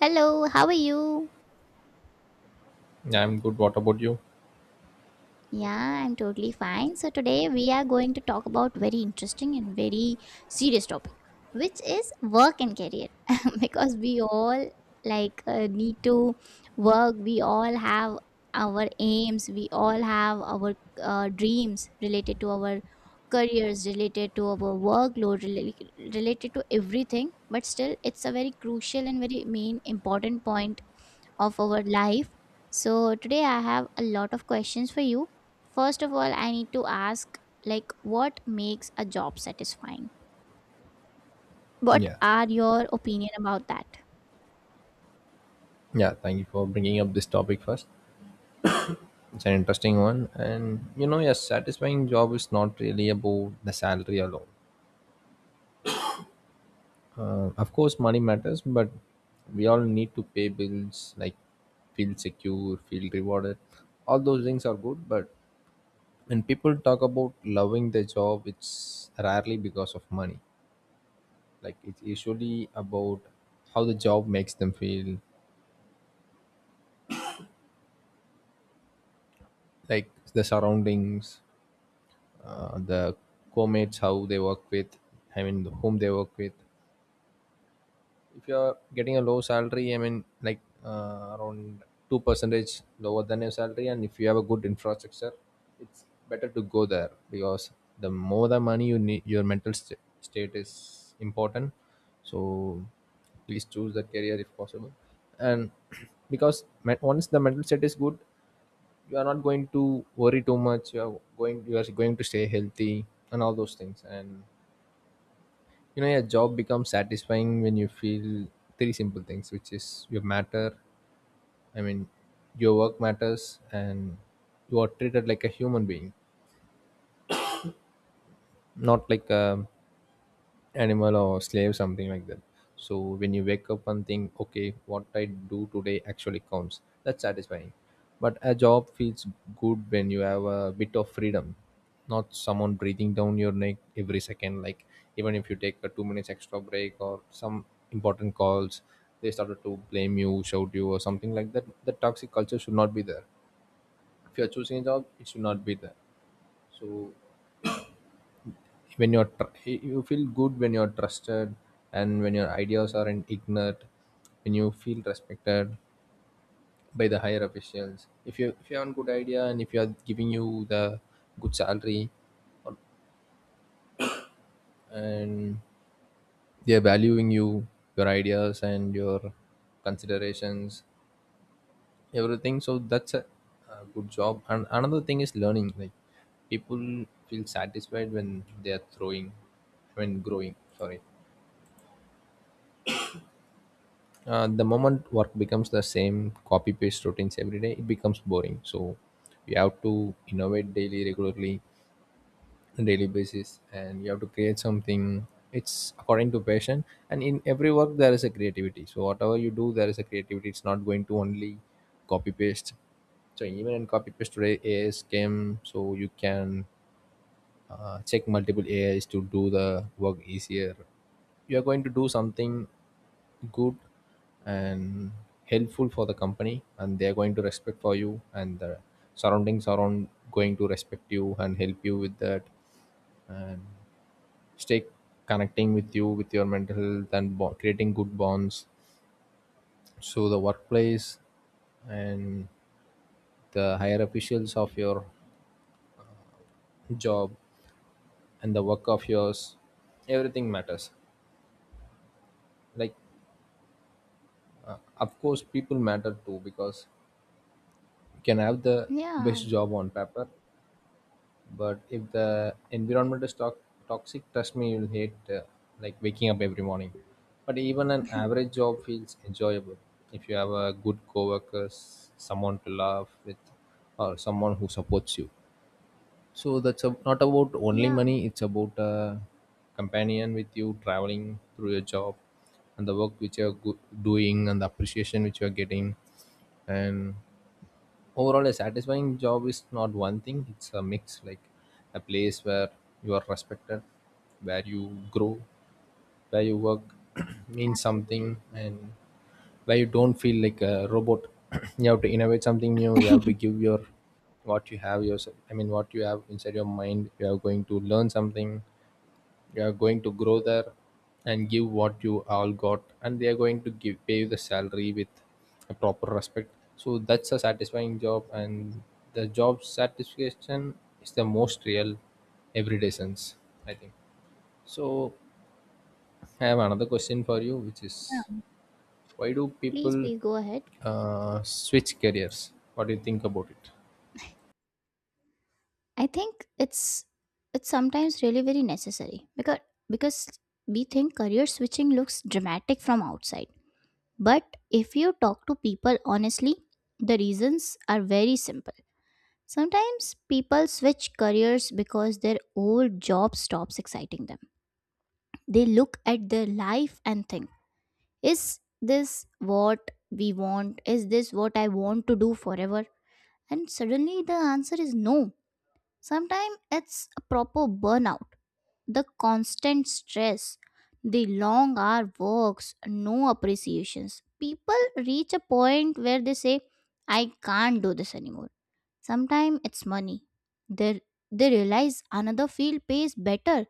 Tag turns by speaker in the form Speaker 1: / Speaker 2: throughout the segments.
Speaker 1: Hello, how are you?
Speaker 2: Yeah, I'm good. What about you?
Speaker 1: Yeah, I'm totally fine. So today we are going to talk about very interesting and very serious topic, which is work and career. Because we all need to work, we all have our aims, we all have our dreams related to our careers, related to our workload, related to everything. But still, it's a very crucial and very main important point of our life. So today I have a lot of questions for you. First of all, I need to ask like what makes a job satisfying? What
Speaker 2: Yeah,
Speaker 1: are your opinion about that?
Speaker 2: yeah. Thank you for bringing up this topic first. It's an interesting one, and you know, yes, satisfying job is not really about the salary alone. Of course, money matters, but we all need to pay bills, like feel secure, feel rewarded. All those things are good, but when people talk about loving their job, it's rarely because of money. Like it's usually about how the job makes them feel, like the surroundings the co-mates how they work with I mean whom they work with. If you're getting a low salary, I mean like around 2 percentage lower than your salary, and if you have a good infrastructure, it's better to go there because the more the money you need, your state is important. So please choose the career if possible. And once the mental state is good, you are not going to worry too much, you are going to stay healthy and all those things. And you know your job becomes satisfying when you feel three simple things, which is your matter, I mean your work matters, and you are treated like a human being, not like a animal or slave, something like that. So when you wake up and think, okay, what I do today actually counts, that's satisfying. But a job feels good when you have a bit of freedom, not someone breathing down your neck every second, like even if you take a 2 minutes extra break or some important calls, they started to blame you, shout you, or something like that. The toxic culture should not be there. If you're choosing a job, it should not be there. So you feel good when you're trusted and when your ideas aren't ignored, when you feel respected by the higher officials. If you have a good idea, and if you are giving you the good salary, and they're valuing you, your ideas and your considerations, everything, so that's a good job. And another thing is learning. Like people feel satisfied when they are throwing when growing, sorry. The moment work becomes the same copy paste routines every day, it becomes boring. So we have to innovate daily, regularly, on daily basis, and you have to create something. It's according to passion, and in every work there is a creativity. So whatever you do, there is a creativity. It's not going to only copy paste. So even in copy paste today, as came, so you can check multiple ais to do the work easier. You are going to do something good and helpful for the company, and they are going to respect for you, and the surroundings are on going to respect you and help you with that, and stay connecting with you, with your mental health, and creating good bonds. So the workplace and the higher officials of your job and the work of yours, everything matters. Like of course, people matter too, because you can have the best
Speaker 1: Yeah,
Speaker 2: job on paper, but if the environment is toxic, trust me, you'll hate like waking up every morning. But even an average job feels enjoyable if you have a good coworkers, someone to laugh with, or someone who supports you. So that's not about only
Speaker 1: yeah,
Speaker 2: money; it's about a companion with you traveling through your job, and the work which you're doing, and the appreciation which you're getting. And overall, a satisfying job is not one thing, it's a mix. Like a place where you are respected, where you grow, where you work means
Speaker 1: absolutely.
Speaker 2: something, and where you don't feel like a robot. you have to innovate something new, you have to give your what you have yourself, I mean what you have inside your mind. You are going to learn something, you're going to grow there, and give what you all got, and they're going to give pay you the salary with a proper respect. So that's a satisfying job, and the job satisfaction is the most real everyday sense, I think. So I have another question for you, which is
Speaker 1: Yeah,
Speaker 2: why do
Speaker 1: please
Speaker 2: people
Speaker 1: please go ahead.
Speaker 2: switch careers? What do you think about it?
Speaker 1: I think it's sometimes really very necessary because we think career switching looks dramatic from outside. But if you talk to people honestly, the reasons are very simple. Sometimes people switch careers because their old job stops exciting them. They look at their life and think, is this what we want? Is this what I want to do forever? And suddenly the answer is no. Sometimes it's a proper burnout, the constant stress, the long hour works, no appreciations. People reach a point where they say, I can't do this anymore. Sometimes it's money. They, they realize another field pays better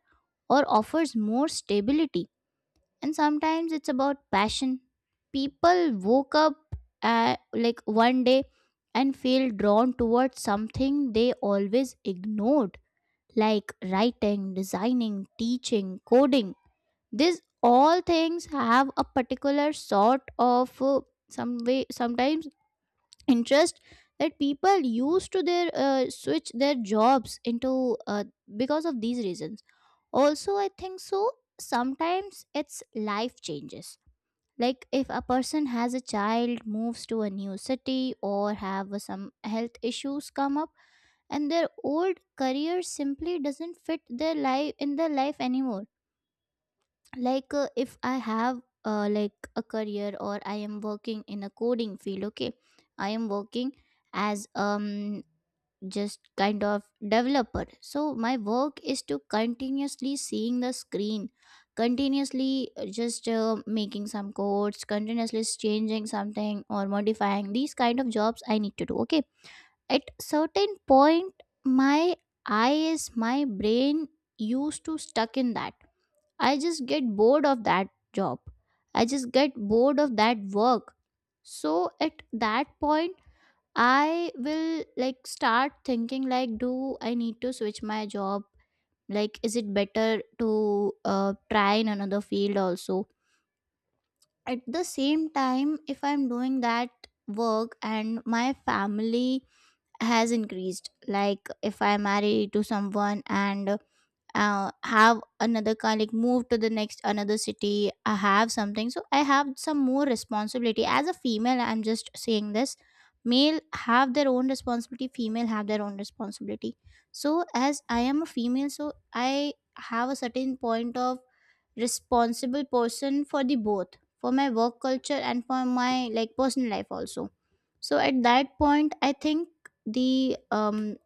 Speaker 1: or offers more stability. And sometimes it's about passion. People woke up like one day and feel drawn towards something they always ignored, like writing, designing, teaching, coding. These all things have a particular sort of some way sometimes interest that people used to their switch their jobs into because of these reasons. Also, I think so. Sometimes it's life changes. Like if a person has a child, moves to a new city, or have some health issues come up, and their old career simply doesn't fit their life in their life anymore, like if I have like a career, or I am working in a coding field. Okay, I am working as just kind of developer. So my work is to continuously seeing the screen, continuously just making some codes, continuously changing something or modifying, these kind of jobs I need to do. Okay, at certain point my eyes, my brain used to stuck in that. I just get bored of that job, I just get bored of that work. So at that point I will like start thinking, like do I need to switch my job? Like is it better to try in another field also? At the same time, if I'm doing that work and my family has increased, like if I marry to someone and have another kind, like move to the next another city, I have something. So I have some more responsibility as a female. I'm just saying this, male have their own responsibility, female have their own responsibility. So as I am a female, so I have a certain point of responsible person for the both, for my work culture and for my like personal life also. So at that point I think the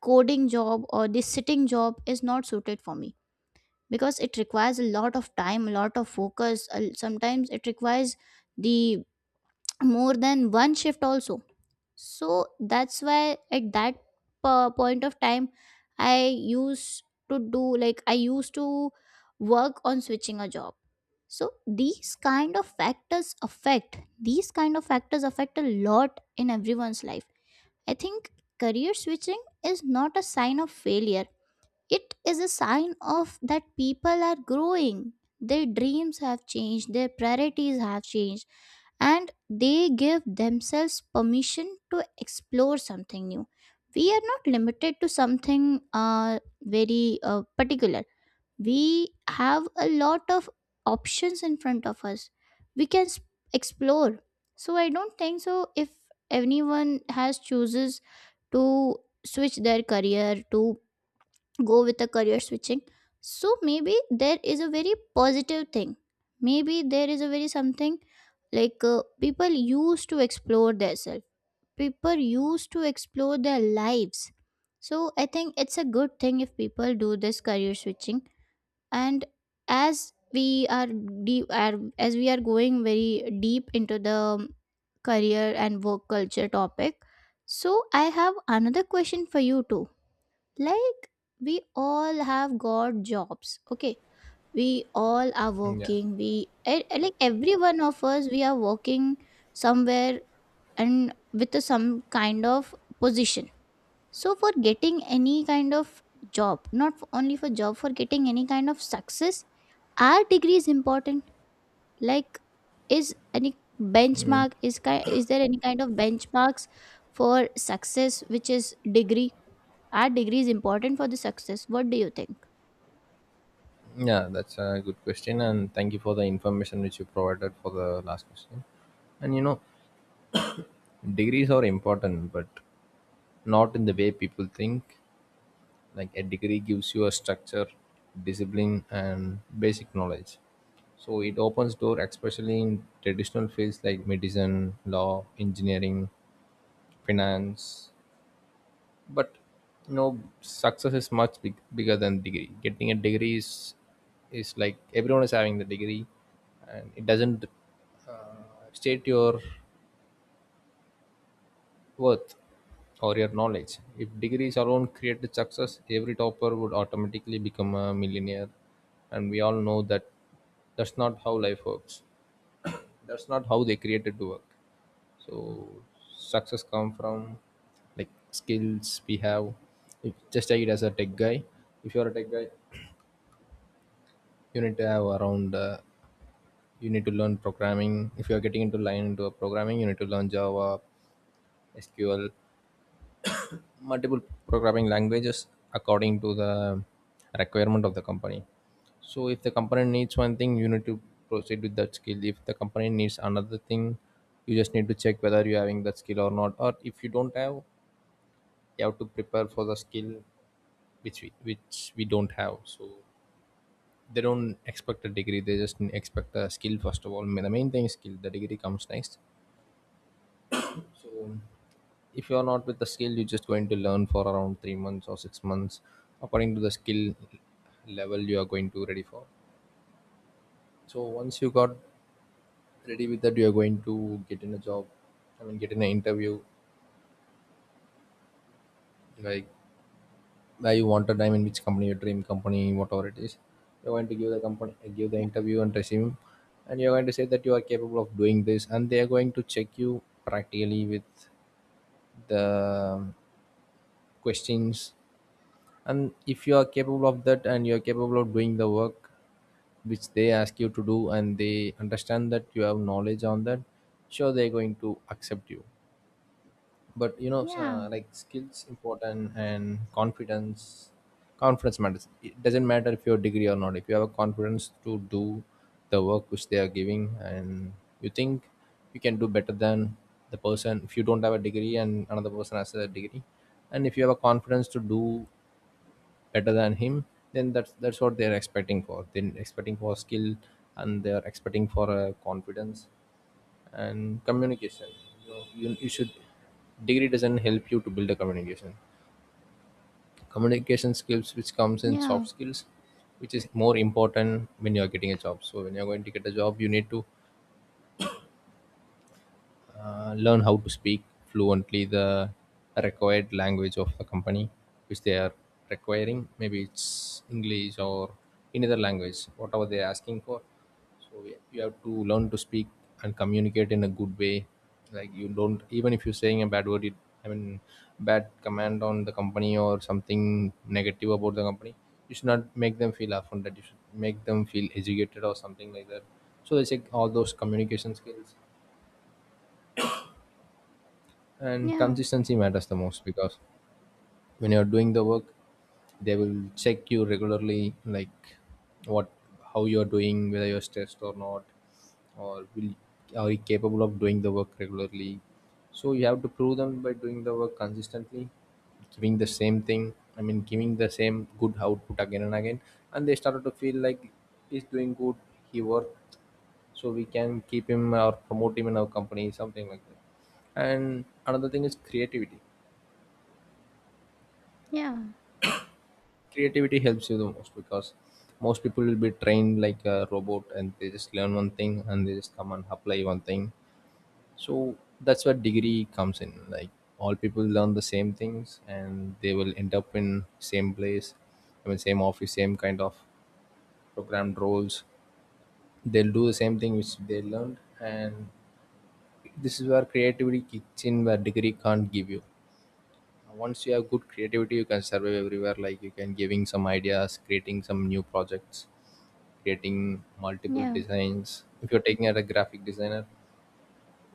Speaker 1: coding job or the sitting job is not suited for me, because it requires a lot of time, a lot of focus, sometimes it requires the more than one shift also. So that's why at that point of time I used to do, like I used to work on switching a job. So these kind of factors affect, these kind of factors affect a lot in everyone's life. I think career switching is not a sign of failure, it is a sign of that people are growing. Their dreams have changed, their priorities have changed, and they give themselves permission to explore something new. We are not limited to something very particular. We have a lot of options in front of us. We can explore. So I don't think so. If anyone has chooses to switch their career, to go with a career switching, so maybe there is a very positive thing, maybe there is a very something, like people used to explore themselves, people used to explore their lives. So I think it's a good thing if people do this career switching. And as we are deep are, as we are going very deep into the career and work culture topic, so I have another question for you too. Like we all have got jobs, okay, we all are
Speaker 2: Yeah.
Speaker 1: working, like every one of us we are working somewhere, and with a some kind of position. So for getting any kind of job, not for, only for job, for getting any kind of success, our degree is important. Like is any benchmark is, is there any kind of benchmarks for success, which is degree. Our degree is important for the success, what do you think?
Speaker 2: Yeah, that's a good question, and thank you for the information which you provided for the last question. And you know, degrees are important, but not in the way people think. Like a degree gives you a structure, discipline, and basic knowledge. So it opens door, especially in traditional fields like medicine, law, engineering, finance. But you know, success is much bigger than degree. Getting a degree is like everyone is having the degree, and it doesn't uh, state your worth or your knowledge. If degrees alone created success, every topper would automatically become a millionaire. And we all know that that's not how life works. That's not how they created to work. So success come from like skills we have. If, just take it as a tech guy. If you're a tech guy, you need to have around. You need to learn programming. If you're getting into line into a programming, you need to learn Java, SQL, multiple programming languages according to the requirement of the company. So if the company needs one thing, you need to proceed with that skill. If the company needs another thing, you just need to check whether you're having that skill or not, or if you don't have, you have to prepare for the skill which we don't have. So they don't expect a degree, they just expect a skill. First of all, the main thing is skill, the degree comes next. So if you're not with the skill, you're just going to learn for around 3 months or 6 months, according to the skill level you are going to ready for. So once you got ready with that, you are going to get in a job. I mean, get in an interview. Like where you wanted, I mean which company, your dream company, whatever it is, you're going to give the company, give the interview and resume, and you're going to say that you are capable of doing this, and they are going to check you practically with the questions. And if you are capable of that, and you are capable of doing the work which they ask you to do, and they understand that you have knowledge on that, sure they're going to accept you. But you know
Speaker 1: Yeah,
Speaker 2: like skills important and confidence, confidence matters. It doesn't matter if you're degree or not, if you have a confidence to do the work which they are giving, and you think you can do better than the person. If you don't have a degree and another person has a degree, and if you have a confidence to do better than him, then that's what they're expecting for. They're expecting for skill, and they're expecting for confidence and communication. You, know, you should degree doesn't help you to build a communication. Communication skills, which comes in
Speaker 1: yeah,
Speaker 2: soft skills, which is more important when you are getting a job. So when you are going to get a job, you need to learn how to speak fluently the required language of the company which they are requiring, maybe it's english or any other language, whatever they're asking for. So yeah, you have to learn to speak and communicate in a good way. Like you don't, even if you're saying a bad word, it I mean bad command on the company or something negative about the company, you should not make them feel offended, you should make them feel educated or something like that. So they check all those communication skills, and
Speaker 1: yeah,
Speaker 2: consistency matters the most. Because when you're doing the work, they will check you regularly, like what how you're doing, whether you're stressed or not, or will are you capable of doing the work regularly. So you have to prove them by doing the work consistently, giving the same thing, I mean giving the same good output again and again, and they started to feel like he's doing good, he worked, so we can keep him or promote him in our company, something like that. And another thing is creativity.
Speaker 1: yeah,
Speaker 2: Creativity helps you the most, because most people will be trained like a robot, and they just learn one thing and they just come and apply one thing. So that's where degree comes in. Like all people learn the same things and they will end up in same place, I mean same office, same kind of programmed roles. They'll do the same thing which they learned, and this is where creativity kicks in where degree can't give you. Once you have good creativity you can survive everywhere, like you can giving some ideas, creating some new projects, creating multiple
Speaker 1: yeah,
Speaker 2: designs. If you're taking at a graphic designer,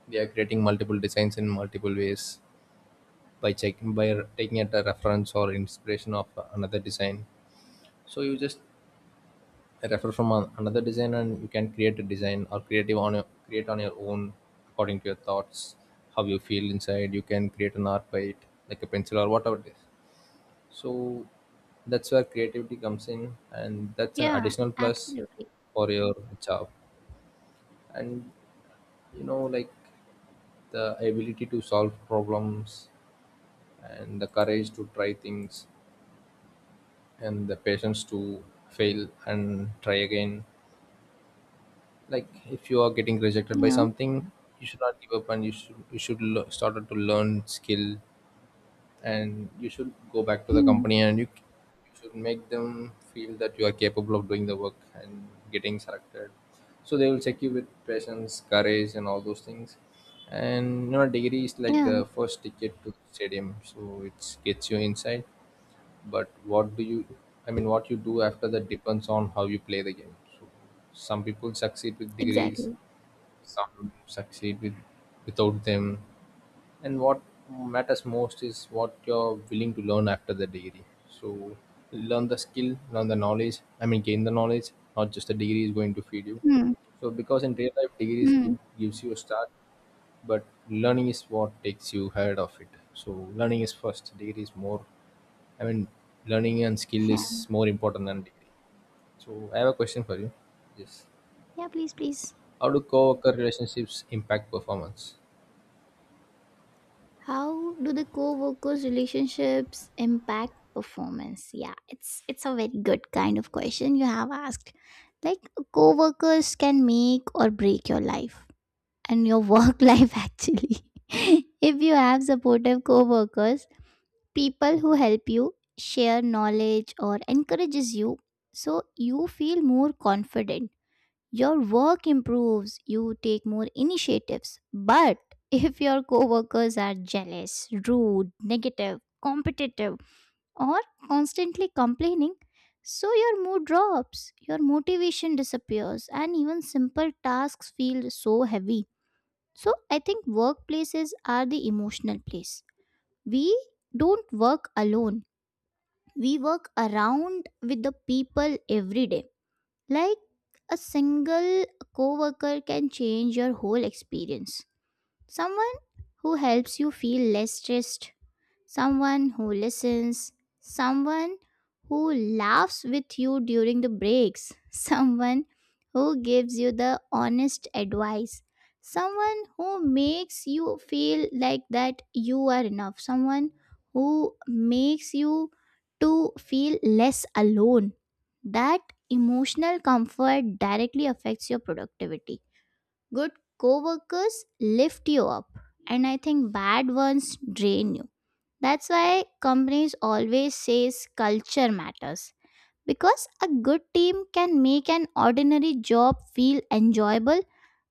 Speaker 2: they are creating multiple designs in multiple ways by checking, taking at a reference or inspiration of another design. So you just refer from another design, and you can create a design or creative create on your own according to your thoughts, how you feel inside. You can create an art by it, like a pencil or whatever it is. So that's where creativity comes in, and that's an
Speaker 1: yeah,
Speaker 2: additional plus
Speaker 1: absolutely.
Speaker 2: for your job. And like, the ability to solve problems, and the courage to try things, and the patience to fail and try again. Like, if you are getting rejected by
Speaker 1: Yeah,
Speaker 2: something, you should not give up and you should start to learn skill, and you should go back to the
Speaker 1: hmm,
Speaker 2: company, and you should make them feel that you are capable of doing the work and getting selected. So they will check you with patience, courage, and all those things. And degree is like
Speaker 1: yeah,
Speaker 2: the first ticket to the stadium, so it gets you inside. But what do you I mean, what you do after that depends on how you play the game. So some people succeed with degrees,
Speaker 1: exactly.
Speaker 2: some succeed without them. And what matters most is what you're willing to learn after the degree. So learn the skill, learn the knowledge, I mean, gain the knowledge. Not just the degree is going to feed you.
Speaker 1: Hmm,
Speaker 2: So because in real life degrees give,
Speaker 1: hmm,
Speaker 2: gives you a start, but learning is what takes you ahead of it. So learning is first, degree is more, I mean, learning and skill
Speaker 1: yeah,
Speaker 2: is more important than degree. So I have a question for you. Yes.
Speaker 1: yeah, please, please.
Speaker 2: How do co-worker relationships impact performance?
Speaker 1: How do the co-workers' relationships impact performance? Yeah, it's a very good kind of question you have asked. Like co-workers can make or break your life and your work life actually. If you have supportive co-workers, people who help you share knowledge or encourages you, so you feel more confident, your work improves, you take more initiatives. But if your coworkers are jealous, rude, negative, competitive, or constantly complaining, so your mood drops, your motivation disappears, and even simple tasks feel so heavy. So I think workplaces are the emotional place, we don't work alone, we work around with the people every day. Like a single coworker can change your whole experience, someone who helps you feel less stressed, someone who listens, someone who laughs with you during the breaks, someone who gives you the honest advice, someone who makes you feel like that you are enough, someone who makes you to feel less alone. That emotional comfort directly affects your productivity. Good coworkers lift you up, and I think bad ones drain you. That's why companies always says culture matters, because a good team can make an ordinary job feel enjoyable,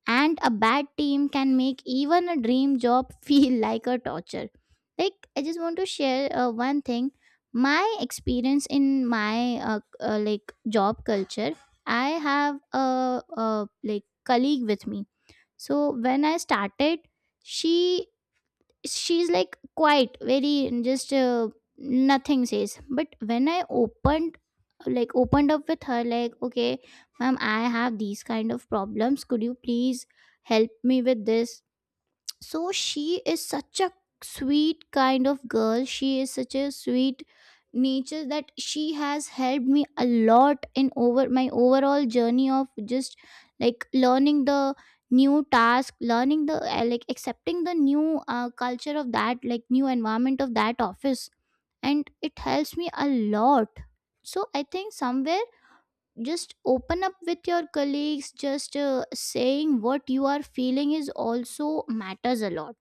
Speaker 1: and a bad team can make even a dream job feel like a torture. Like I just want to share one thing, my experience in my like job culture. I have a like colleague with me. So when I started, she she's like quiet, very just nothing says. But when I opened, like opened up with her, like okay ma'am, I have these kind of problems, could you please help me with this. So she is such a sweet kind of girl, she is such a sweet nature, that she has helped me a lot in over my overall journey of just like learning the new task, learning the like accepting the new culture of that, like new environment of that office, and it helps me a lot. So I think somewhere, just open up with your colleagues, just saying what you are feeling is also matters a lot,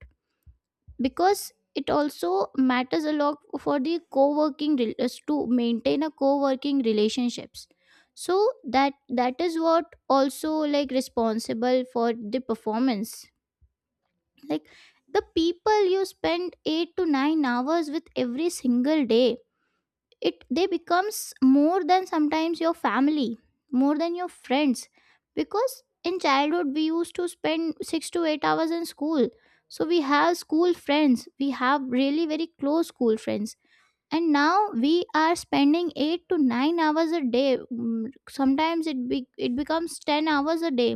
Speaker 1: because it also matters a lot for the us to maintain a co-working relationships. So that, that is what also like responsible for the performance. Like the people you spend 8 to 9 hours with every single day, it they becomes more than sometimes your family, more than your friends. Because in childhood we used to spend 6 to 8 hours in school, so we have school friends, we have really very close school friends. And now we are spending 8 to 9 hours a day. Mm, sometimes it be, it becomes 10 hours a day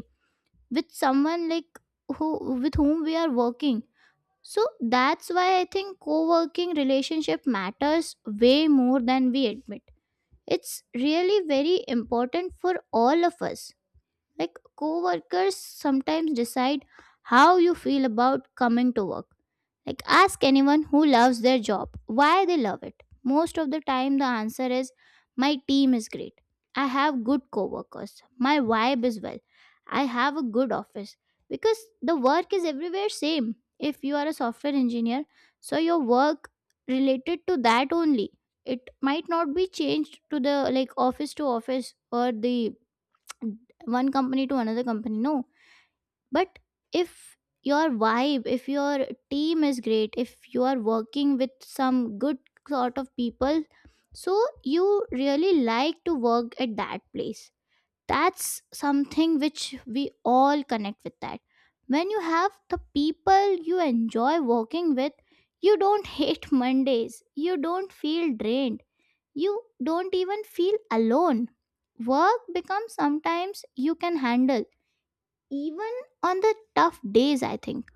Speaker 1: with someone like who with whom we are working. So that's why I think co-working relationship matters way more than we admit. It's really very important for all of us. Like co workers sometimes decide how you feel about coming to work. Like, ask anyone who loves their job why they love it. Most of the time, the answer is my team is great. I have good coworkers. My vibe is well. I have a good office. Because the work is everywhere same. If you are a software engineer, so your work related to that only. It might not be changed to the like office to office or the one company to another company. No, but if your vibe, if your team is great, if you are working with some good sort of people, so you really like to work at that place. That's something which we all connect with that. When you have the people you enjoy working with, you don't hate Mondays, you don't feel drained, you don't even feel alone. Work becomes sometimes you can handle even on the tough days. I think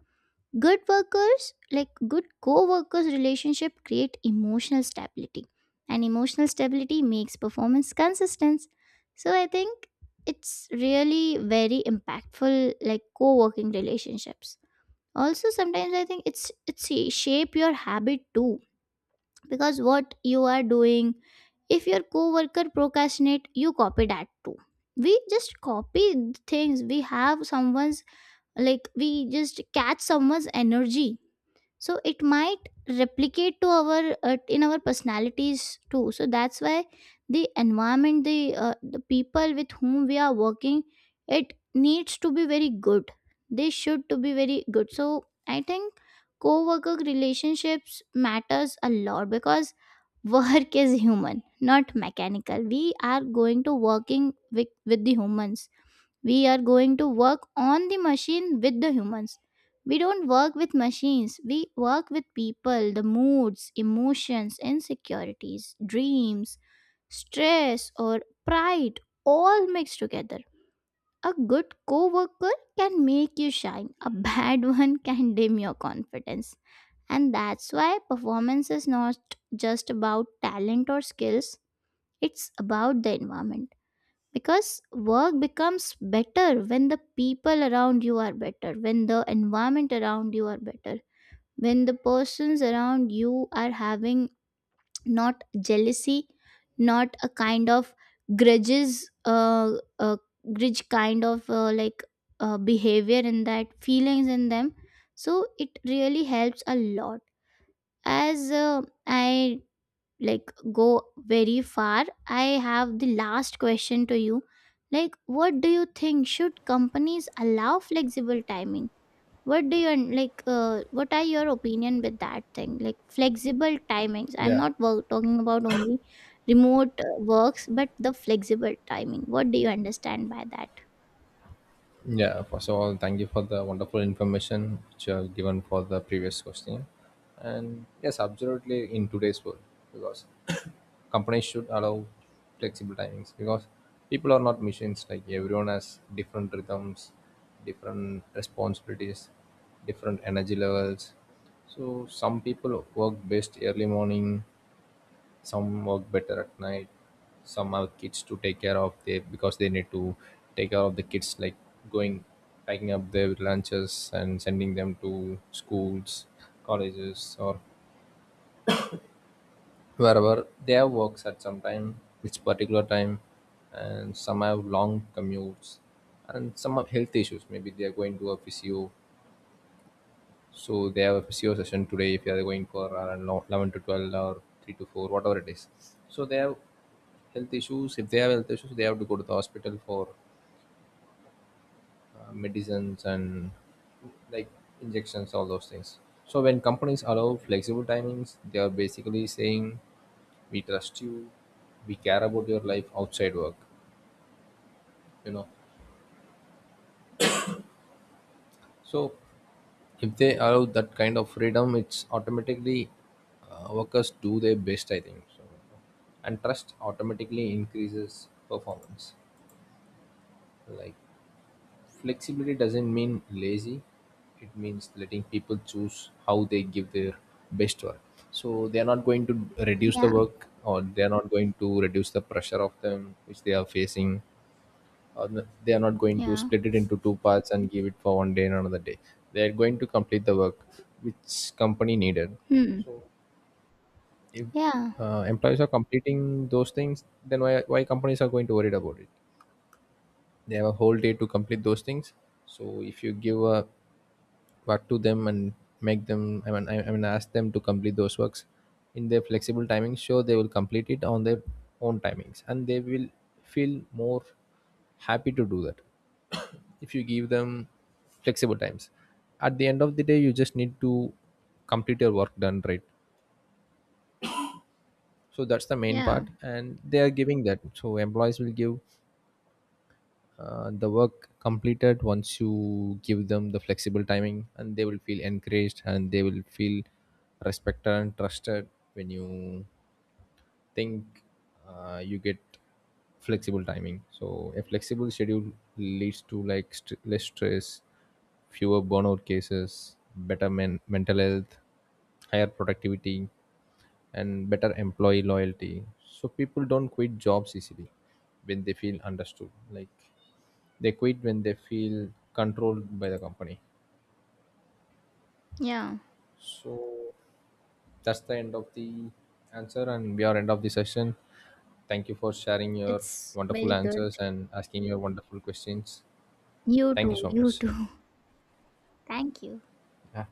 Speaker 1: good workers like good co-workers relationship create emotional stability, and emotional stability makes performance consistent. So I think it's really very impactful, like co-working relationships. Also sometimes I think it's shape your habit too, because what you are doing, if your co-worker procrastinate you copy that too. We just copy things we have someone's, like we just catch someone's energy, so it might replicate to our in our personalities too. So that's why the environment, the people with whom we are working, it needs to be very good, they should to be very good. So I think co-worker relationships matters a lot, because work is human not mechanical, we are going to working with the humans, we are going to work on the machine with the humans. We don't work with machines, we work with people, the moods, emotions, insecurities, dreams, stress, or pride, all mixed together. A good coworker can make you shine, a bad one can dim your confidence. And that's why performance is not just about talent or skills, it's about the environment. Because work becomes better when the people around you are better, when the environment around you are better, when the persons around you are having not jealousy, not a kind of grudges, uh grudge kind of like behavior in that feelings in them. So it really helps a lot. As I like go very far, I have the last question to you. Like what do you think, should companies allow flexible timing? What do you like, what are your opinion with that thing, like flexible timings, I'm
Speaker 2: Yeah.
Speaker 1: not work, talking about only remote works, but the flexible timing, what do you understand by that?
Speaker 2: Yeah, first of all, thank you for the wonderful information which you have given for the previous question. And yes, absolutely, in today's world, because companies should allow flexible timings because people are not machines, like everyone has different rhythms, different responsibilities, different energy levels. So some people work best early morning, some work better at night. Some have kids to take care of. They Because they need to take care of the kids, like going, packing up their lunches and sending them to schools, colleges, or wherever they have works at some time, which particular time, and some have long commutes, and some have health issues. Maybe they are going to a physio, so they have a physio session today if they are going for around 11 to 12 or 3 to 4, whatever it is. So they have health issues If they have health issues, they have to go to the hospital for medicines and, like, injections, all those things. So when companies allow flexible timings, they are basically saying we trust you, we care about your life outside work, you know so if they allow that kind of freedom, it's automatically, workers do their best, I think so. And trust automatically increases performance. Like, flexibility doesn't mean lazy. It means letting people choose how they give their best work. So they are not going to reduce the
Speaker 1: Yeah,
Speaker 2: work, or they are not going to reduce the pressure of them which they are facing, or they are not going to
Speaker 1: yeah,
Speaker 2: split it into two parts and give it for one day and another day. They are going to complete the work which company needed.
Speaker 1: hmm,
Speaker 2: If
Speaker 1: yeah,
Speaker 2: employees are completing those things, then why companies are going to worry about it? They have a whole day to complete those things. So if you give a work to them and make them I mean ask them to complete those works in their flexible timings, sure they will complete it on their own timings, and they will feel more happy to do that. If you give them flexible times, at the end of the day you just need to complete your work done, right? So that's the main
Speaker 1: yeah,
Speaker 2: part, and they are giving that. So employees will give the work completed once you give them the flexible timing, and they will feel encouraged, and they will feel respected and trusted. When you think, you get flexible timing, so a flexible schedule leads to, like, less stress, fewer burnout cases, better mental health, higher productivity, and better employee loyalty. So people don't quit jobs easily when they feel understood. Like, they quit when they feel controlled by the company.
Speaker 1: yeah,
Speaker 2: So that's the end of the answer, and we are end of the session. Thank you for sharing your
Speaker 1: it's
Speaker 2: wonderful
Speaker 1: very good.
Speaker 2: answers and asking your wonderful questions.
Speaker 1: You
Speaker 2: Thank you
Speaker 1: too,
Speaker 2: so
Speaker 1: you
Speaker 2: much.
Speaker 1: too. Thank you.
Speaker 2: Yeah.